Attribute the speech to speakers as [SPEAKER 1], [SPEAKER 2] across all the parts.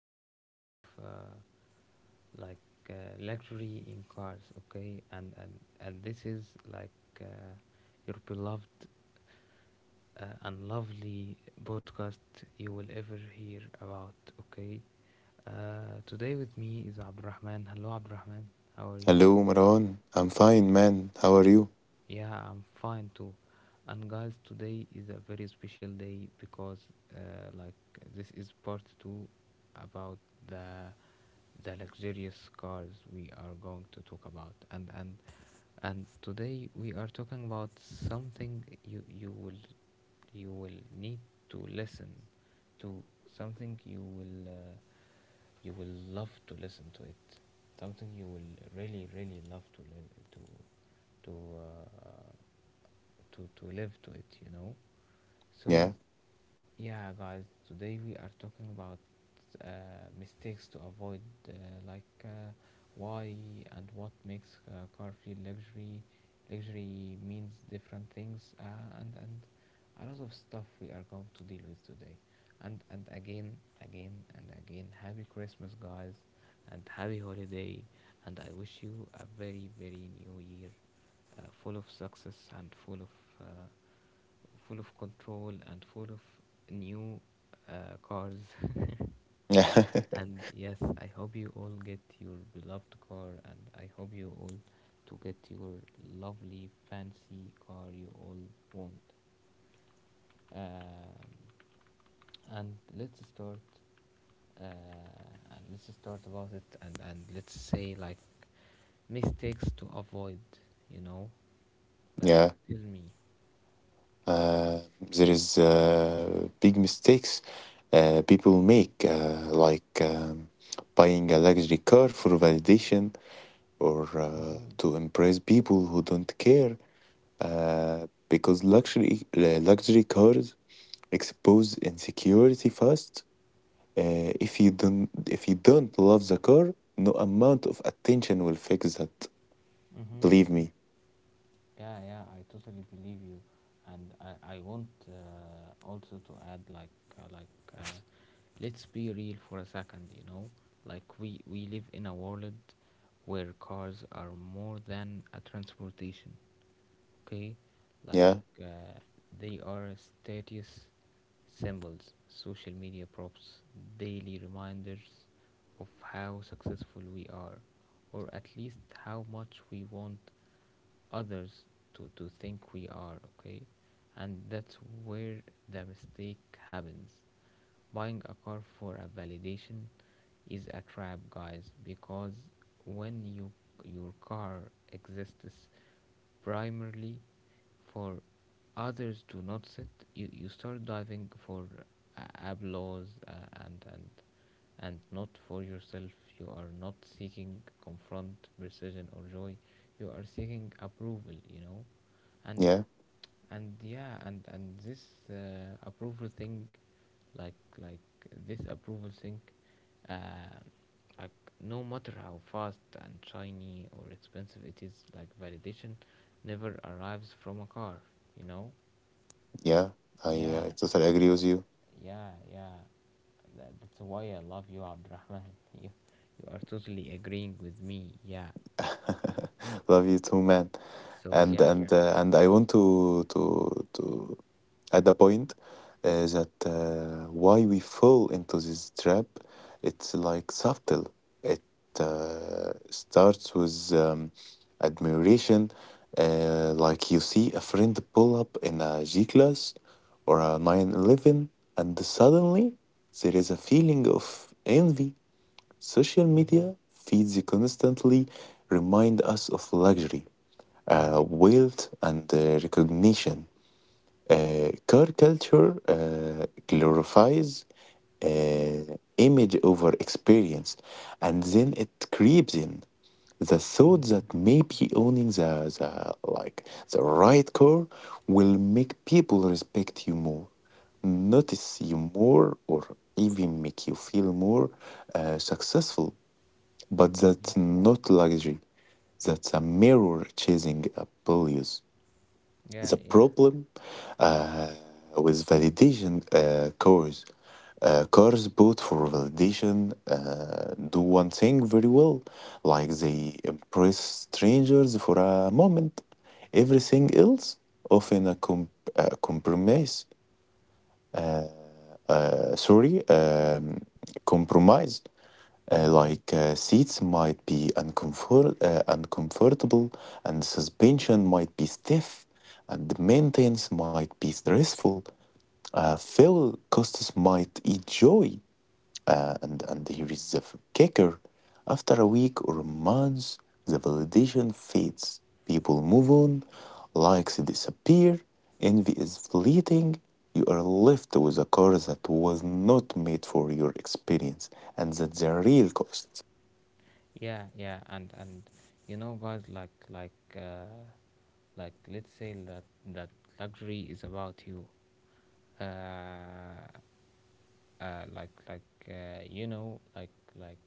[SPEAKER 1] episode of uh, like uh, luxury in cars. Okay, and this is like uh, your beloved and lovely podcast you will ever hear about. Okay, today with me is Abdurrahman. Hello, Abdurrahman. How are you?
[SPEAKER 2] Hello, Maran. I'm fine, man. How are you?
[SPEAKER 1] Yeah, I'm fine too. And guys, today is a very special day because, uh, like, this is part two about the the luxurious cars we are going to talk about. And today we are talking about something you will need to listen to something you will you will love to listen to it, something you will really really love to li- to to. To, to live to it, you know.
[SPEAKER 2] Yeah.
[SPEAKER 1] So, yeah, guys, today we are talking about uh, mistakes to avoid, uh, like uh, why and what makes car feel luxury. Luxury means different things, and a lot of stuff we are going to deal with today. And and again, and again, happy Christmas, guys, and happy holiday, and I wish you a very very new year, full of success and full of. Uh, full of control and full of new cars. And yes, I hope you all get your beloved car, and I hope you all to get your lovely fancy car you all want. Um, and let's start. Uh, and let's start about it, and let's say like mistakes to avoid. You know, like
[SPEAKER 2] yeah.
[SPEAKER 1] tell me.
[SPEAKER 2] There is big mistakes people make, like buying a luxury car for validation or
[SPEAKER 1] Mm-hmm.
[SPEAKER 2] to impress people who don't care. Because luxury cars expose insecurity fast. If you don't if you don't love the car, no amount of attention will fix that.
[SPEAKER 1] Mm-hmm.
[SPEAKER 2] Believe
[SPEAKER 1] Mm-hmm.
[SPEAKER 2] me.
[SPEAKER 1] Yeah, yeah, I totally believe you, and I want also to add like uh, let's be real for a second, you know, like we live in a world where cars are more than a transportation, okay, like
[SPEAKER 2] Yeah.
[SPEAKER 1] uh, they are status symbols, social media props, daily reminders of how successful we are, or at least how much we want others to think we are, okay? And that's where the mistake happens. Buying a car for a validation is a trap, guys, because when your car exists primarily for others to notice it, you start diving for uh, applause and not for yourself. You are not seeking confront, precision, or joy. You are seeking approval, you know? And
[SPEAKER 2] Yeah,
[SPEAKER 1] and yeah and this approval thing, like this approval thing, uh like no matter how fast and shiny or expensive it is, like validation never arrives from a car, you know.
[SPEAKER 2] yeah,
[SPEAKER 1] Yeah,
[SPEAKER 2] I totally agree with you.
[SPEAKER 1] yeah, yeah, that's why I love you, Abdurrahman. you you are totally agreeing with me. Yeah,
[SPEAKER 2] Love you too, man.
[SPEAKER 1] so yeah.
[SPEAKER 2] And I want to add a point that why we fall into this trap. It's like subtle. It starts with admiration, like you see a friend pull up in a G class or a 911, and suddenly there is a feeling of envy. Social
[SPEAKER 1] Mm-hmm.
[SPEAKER 2] media feeds constantly remind us of luxury,
[SPEAKER 1] Mm-hmm.
[SPEAKER 2] wealth, and recognition. Car culture glorifies image over experience, and then it creeps in the thought
[SPEAKER 1] Mm-hmm.
[SPEAKER 2] that maybe owning the like the right car will make people respect you more, notice you more, or even make you feel more successful. But
[SPEAKER 1] Yeah,
[SPEAKER 2] that's not luxury. That's a mirror chasing a values.
[SPEAKER 1] yeah,
[SPEAKER 2] The
[SPEAKER 1] yeah.
[SPEAKER 2] problem uh, with validation, cores built for validation do one thing very well, like they impress strangers for a moment. Everything else, often a compromise, sorry, compromise. Uh,
[SPEAKER 1] Mm-hmm.
[SPEAKER 2] like uh, seats might be uncomfortable, and suspension might be stiff, and the maintenance might be stressful. Phil Costas might enjoy, and here is the kicker: after a week or months, the validation fades. People move on, likes disappear, envy is fleeting. You are left with a car that was not made for your experience, and that's the real cost.
[SPEAKER 1] Yeah, yeah, and you know, guys, let's say that that luxury is about you. Uh, uh, like like you know, like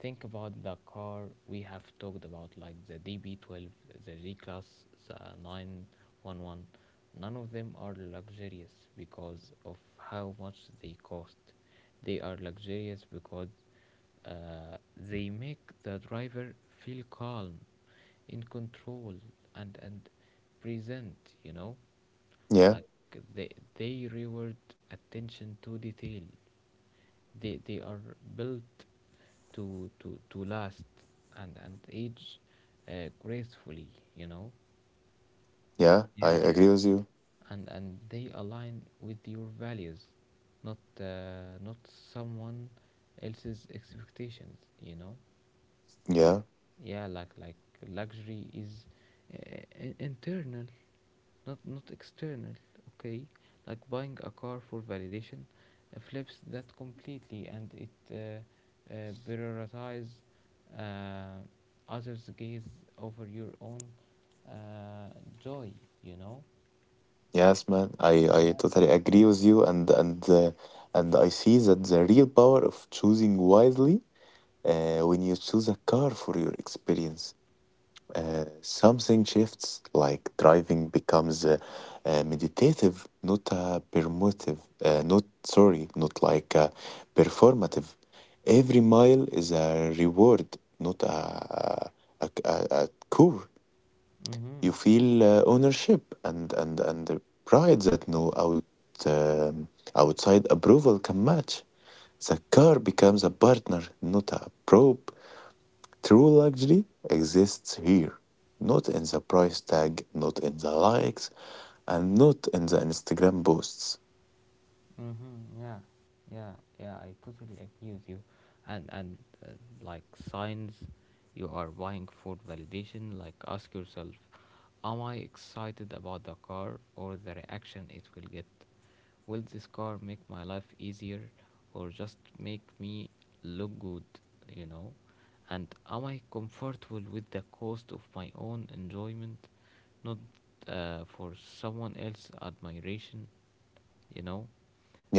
[SPEAKER 1] think about the car we have talked about, like the DB12, the G class, the 911. None of them are luxurious because of how much they cost. They are luxurious because they make the driver feel calm, in control, and present. You know,
[SPEAKER 2] Yeah,
[SPEAKER 1] like they they reward attention to detail. They are built to to last and age gracefully. You know,
[SPEAKER 2] yeah, I
[SPEAKER 1] yeah,
[SPEAKER 2] agree with you.
[SPEAKER 1] and they align with your values, not not someone else's expectations. You know.
[SPEAKER 2] Yeah,
[SPEAKER 1] Yeah, like luxury is internal, not not external, okay, like buying a car for validation flips that completely and it prioritize uh, others gaze over your own uh, joy, you know.
[SPEAKER 2] yes, man, I totally agree with you, and and I see that the real power of choosing wisely, when you choose a car for your experience, something shifts. Like driving becomes meditative, not performative. Not performative. Every mile is a reward, not a chore.
[SPEAKER 1] Mm-hmm.
[SPEAKER 2] You feel ownership and and the pride that no um, outside approval can match. The car becomes a partner, not a probe. True luxury exists here, not in the price tag, not in the likes, and not in the Instagram posts.
[SPEAKER 1] Mm-hmm. Yeah, yeah, yeah. I totally agree with you, and uh, like signs, you are buying for validation. Like ask yourself, am I excited about the car or the reaction it will get? Will this car make my life easier, or just make me look good? You know, and am I comfortable with the cost of my own enjoyment, not for someone else's admiration? You know,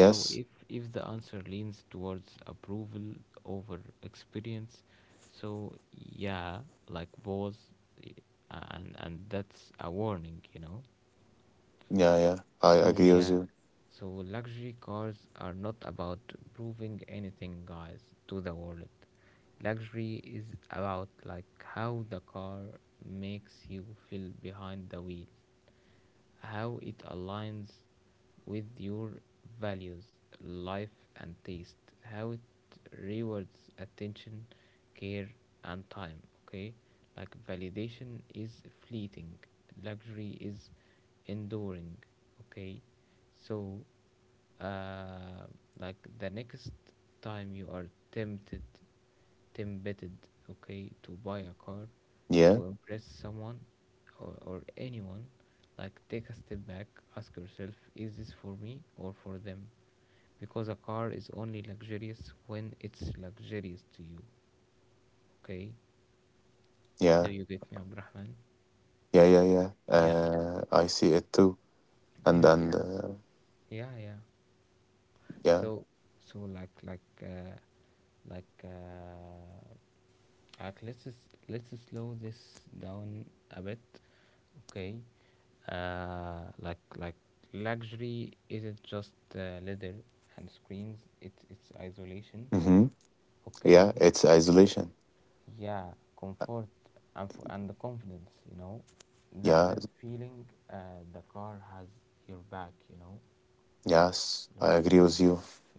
[SPEAKER 1] so if the answer leans towards approval over experience, so yeah, like pause i- and that's a warning, you know.
[SPEAKER 2] yeah, yeah, I
[SPEAKER 1] So
[SPEAKER 2] agree with
[SPEAKER 1] yeah,
[SPEAKER 2] you.
[SPEAKER 1] so luxury cars are not about proving anything, guys, to the world. Luxury is about like how the car makes you feel behind the wheel, how it aligns with your values, life, and taste, how it rewards attention, care, and time. Okay, like validation is fleeting, luxury is enduring. Okay, so uh, like the next time you are tempted, tempted, okay, to buy a car,
[SPEAKER 2] Yeah,
[SPEAKER 1] to impress someone or anyone, like take a step back, ask yourself, is this for me or for them? Because a car is only luxurious when it's luxurious to you, okay? Do
[SPEAKER 2] yeah,
[SPEAKER 1] you get me, Abdurrahman?
[SPEAKER 2] yeah, yeah, yeah.
[SPEAKER 1] Yeah,
[SPEAKER 2] I see it too,
[SPEAKER 1] yeah,
[SPEAKER 2] and
[SPEAKER 1] so yeah. Yeah,
[SPEAKER 2] yeah,
[SPEAKER 1] so so like like uh, like uh, let's let's slow this down a bit, okay? Uh, like like Luxury isn't just leather and screens. It's isolation,
[SPEAKER 2] hmm
[SPEAKER 1] okay?
[SPEAKER 2] yeah, it's isolation.
[SPEAKER 1] Yeah, comfort and the confidence. You know, that
[SPEAKER 2] Yeah.
[SPEAKER 1] that feeling the car has your back. You know,
[SPEAKER 2] Yes, I
[SPEAKER 1] like
[SPEAKER 2] agree with you.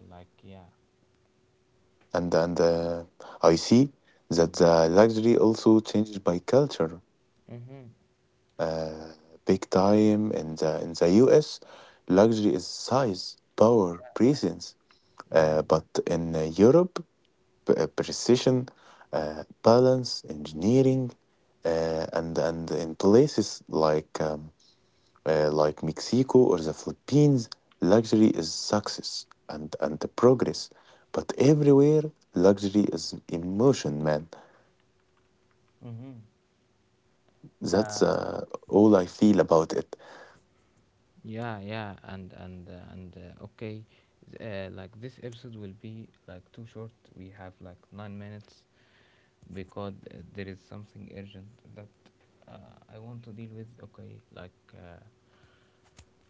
[SPEAKER 1] like yeah.
[SPEAKER 2] And I see that the luxury also changes by culture.
[SPEAKER 1] Mm-hmm.
[SPEAKER 2] Uh, Big time in the US, luxury is size, power, presence.
[SPEAKER 1] Yeah.
[SPEAKER 2] But in Europe, precision, balance, engineering, and in places like Mexico or the Philippines, luxury is success and the progress. But everywhere, luxury is emotion, man.
[SPEAKER 1] Mm-hmm.
[SPEAKER 2] That's
[SPEAKER 1] Uh,
[SPEAKER 2] all I feel about it.
[SPEAKER 1] yeah, yeah, and okay, like this episode will be like too short. We have like 9 minutes because there is something urgent that I want to deal with. Okay,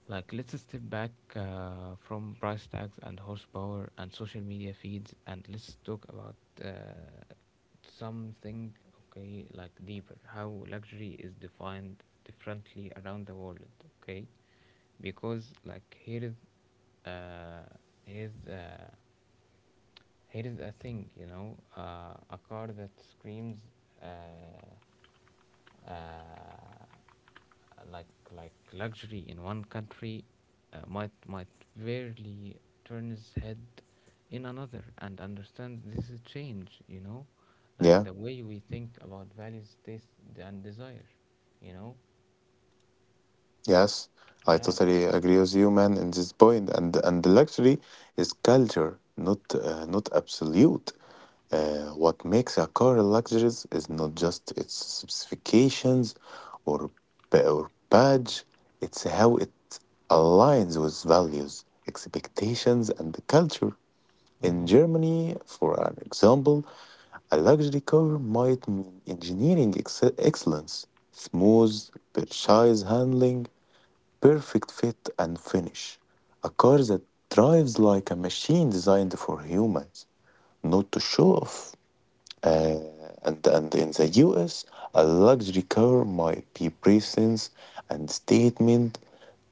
[SPEAKER 1] like let's step back from price tags and horsepower and social media feeds, and let's talk about uh, something, okay, like deeper, how luxury is defined differently around the world, okay? Because, like, uh, here's, uh, here is a thing, you know, a car that screams uh, uh, like luxury in one country might barely turn his head in another, and understand this is change, you know, like
[SPEAKER 2] Yeah.
[SPEAKER 1] the way we think about values, taste, and desire, you know.
[SPEAKER 2] Yes, I
[SPEAKER 1] Yeah.
[SPEAKER 2] totally agree with you, man, in this point. And luxury is culture, not not absolute. What makes a car luxurious is not just its specifications or badge. It's how it aligns with values, expectations, and culture. In
[SPEAKER 1] Mhm.
[SPEAKER 2] Germany, for an example, a luxury car might mean engineering excellence, smooth purchase handling, perfect fit and finish. A car that drives like a machine designed for humans, not to show off. Uh, and in the US, a luxury car might be presence and statement,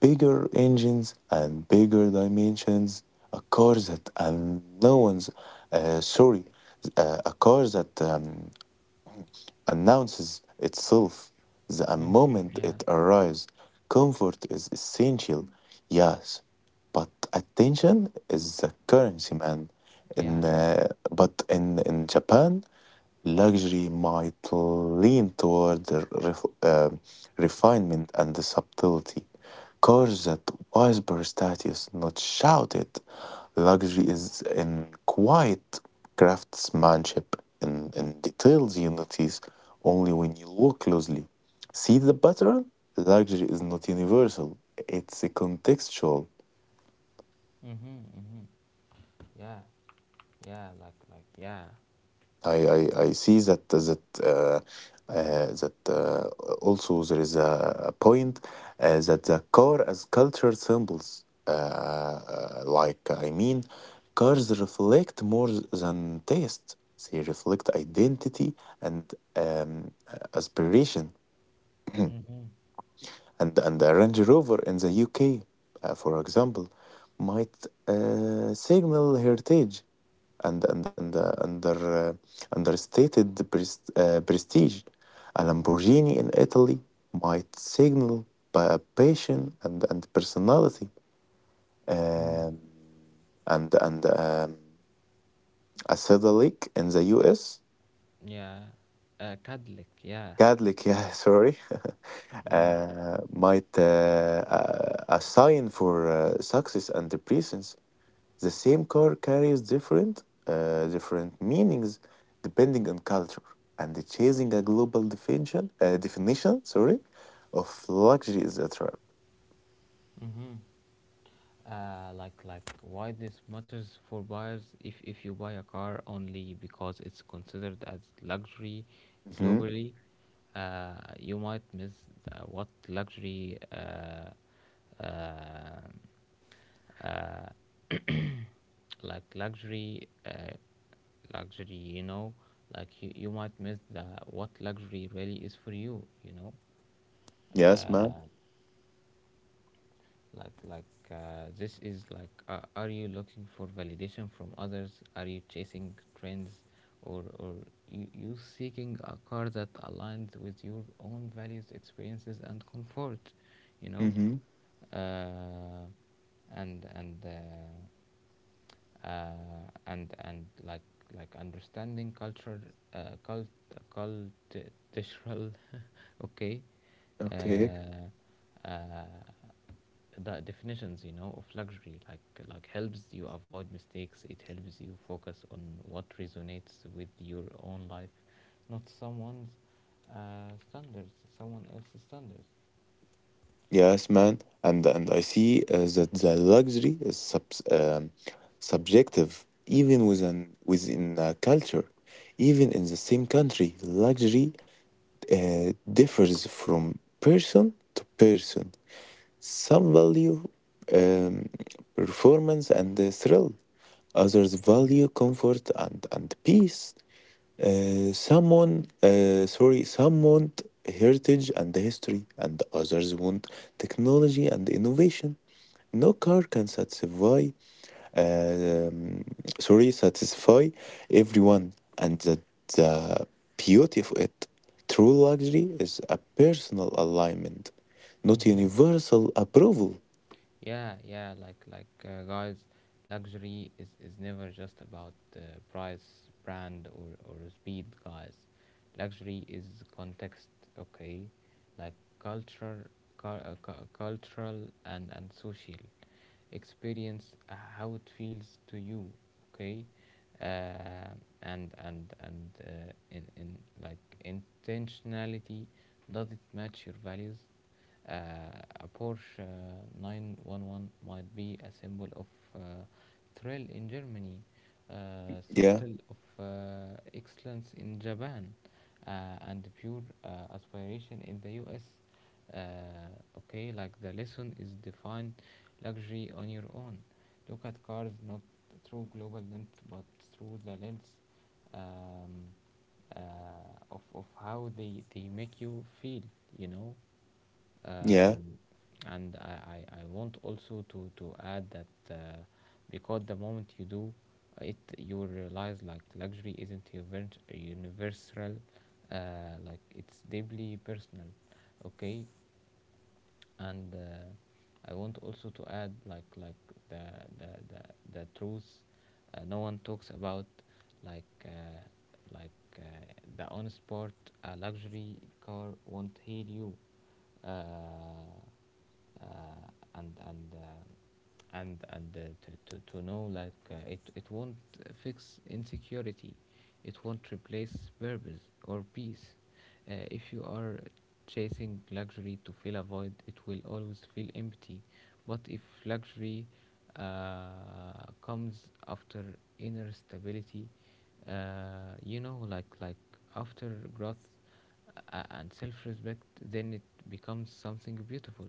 [SPEAKER 2] bigger engines and bigger dimensions. A car that and no one's sorry, A car that announces itself the
[SPEAKER 1] Mhm.
[SPEAKER 2] moment
[SPEAKER 1] Yeah.
[SPEAKER 2] it arrives. Comfort is essential, yes, but attention is the currency, man.
[SPEAKER 1] Yeah.
[SPEAKER 2] In
[SPEAKER 1] Yeah.
[SPEAKER 2] but in Japan. Luxury might lean toward the refinement and the subtlety. Cars that whisper status, not shout it. Luxury is in quiet craftsmanship, in details you notice only when you look closely. See the pattern? Luxury is not universal, it's a contextual.
[SPEAKER 1] Mhm. Mhm. Yeah. Yeah. Like yeah.
[SPEAKER 2] I see that uh, uh, that uh, also there is a point that the car as culture symbols, I mean, cars reflect more than taste. They reflect identity and um, aspiration.
[SPEAKER 1] Mhm.
[SPEAKER 2] And a Range Rover in the UK, for example, might signal heritage and understated prestige. A Lamborghini in Italy might signal passion and personality,
[SPEAKER 1] Mm.
[SPEAKER 2] um, and a Cadillac in the U.S.
[SPEAKER 1] Yeah, Catholic, yeah,
[SPEAKER 2] Cadillac, yeah, sorry,
[SPEAKER 1] yeah.
[SPEAKER 2] might a sign for success and presence. The same car carries different meanings depending on culture, and chasing a global definition, sorry, of luxury is a trap.
[SPEAKER 1] Mm-hmm. Why this matters for buyers, if you buy a car only because it's considered as luxury
[SPEAKER 2] Hmm.
[SPEAKER 1] globally, you might miss the, what luxury uh, uh, like luxury luxury, you know, like you might miss the what luxury really is for you, you know,
[SPEAKER 2] Yes, man.
[SPEAKER 1] like like this is like, are you looking for validation from others? Are you chasing trends? Or you seeking a car that aligns with your own values, experiences and comfort, you know.
[SPEAKER 2] Hmm.
[SPEAKER 1] Uh, and and uh, uh, and and like understanding culture, uh, cult cultural, okay,
[SPEAKER 2] Okay.
[SPEAKER 1] uh, uh, the definitions, you know, of luxury, like helps you avoid mistakes, it helps you focus on what resonates with your own life, not someone else's standards.
[SPEAKER 2] Yes, man. And I see that the luxury is subs subjective, even within within a culture, even in the same country, luxury uh, differs from person to person. Some value um, performance and the thrill. Others value comfort and peace. Some want heritage and history, and others want technology and innovation. No car can satisfy, um, sorry, satisfy everyone, and the beauty of it. True luxury is a personal alignment, not
[SPEAKER 1] Mm-hmm.
[SPEAKER 2] universal approval.
[SPEAKER 1] Yeah, yeah, like guys, luxury is never just about price, brand, or speed, guys. Luxury is context, okay, like culture, cultural and social experience, how it feels to you, okay, uh, and in like intentionality, does it match your values? Uh, a Porsche 911 might be a symbol of uh, thrill in Germany,
[SPEAKER 2] Yeah.
[SPEAKER 1] subtle of excellence in Japan, uh, and pure aspiration in the US. Uh, okay, like the lesson is define luxury on your own. Look at cars not through global lens but through the lens um, uh, of how they make you feel, you know.
[SPEAKER 2] Yeah.
[SPEAKER 1] um, and I want also to add that uh, because the moment you do it, you realize like luxury isn't universal, uh, like it's deeply personal, okay. And I want also to add, like the the, the truth no one talks about, like uh, like uh, the honest part, a luxury car won't heal you. Uh, uh, and to Know like, it it won't fix insecurity, it won't replace purpose or peace. If you are chasing luxury to fill a void, it will always feel empty. But if luxury uh, comes after inner stability, you know, like after growth and self respect, then it becomes something beautiful,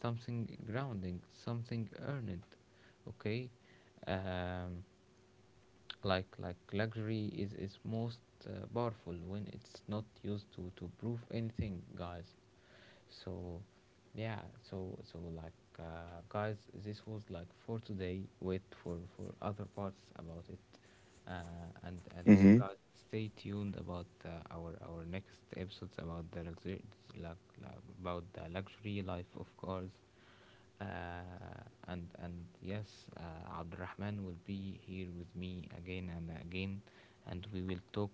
[SPEAKER 1] something grounding, something earned. Okay, um, like luxury is most powerful when it's not used to prove anything, guys. So, yeah, so guys, this was like for today. Wait for other parts about it, and
[SPEAKER 2] Mm-hmm.
[SPEAKER 1] guys, stay tuned about our next episodes about the luxury, like, about the luxury life of cars, and yes, Abdurrahman will be here with me again and again and we will talk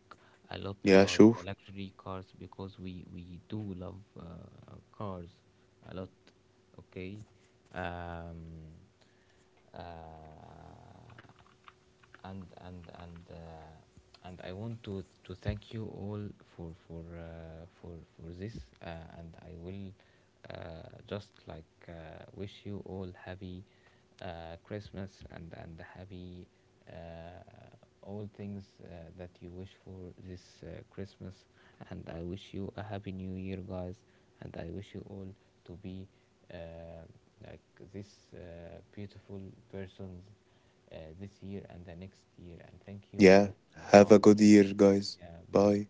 [SPEAKER 1] a lot
[SPEAKER 2] Yeah,
[SPEAKER 1] about
[SPEAKER 2] sure.
[SPEAKER 1] the luxury cars because we do love cars a lot, okay. Um, uh, and and and uh, and I want to thank you all for for this, uh, and I will just like wish you all happy Christmas and happy uh, all things that you wish for this Christmas, and I wish you a happy New Year, guys, and I wish you all to be. Uh, like this uh, beautiful persons this year and the next year. And thank you
[SPEAKER 2] Yeah.
[SPEAKER 1] all.
[SPEAKER 2] Have a
[SPEAKER 1] Bye.
[SPEAKER 2] good year, guys.
[SPEAKER 1] Yeah, bye.
[SPEAKER 2] Bye.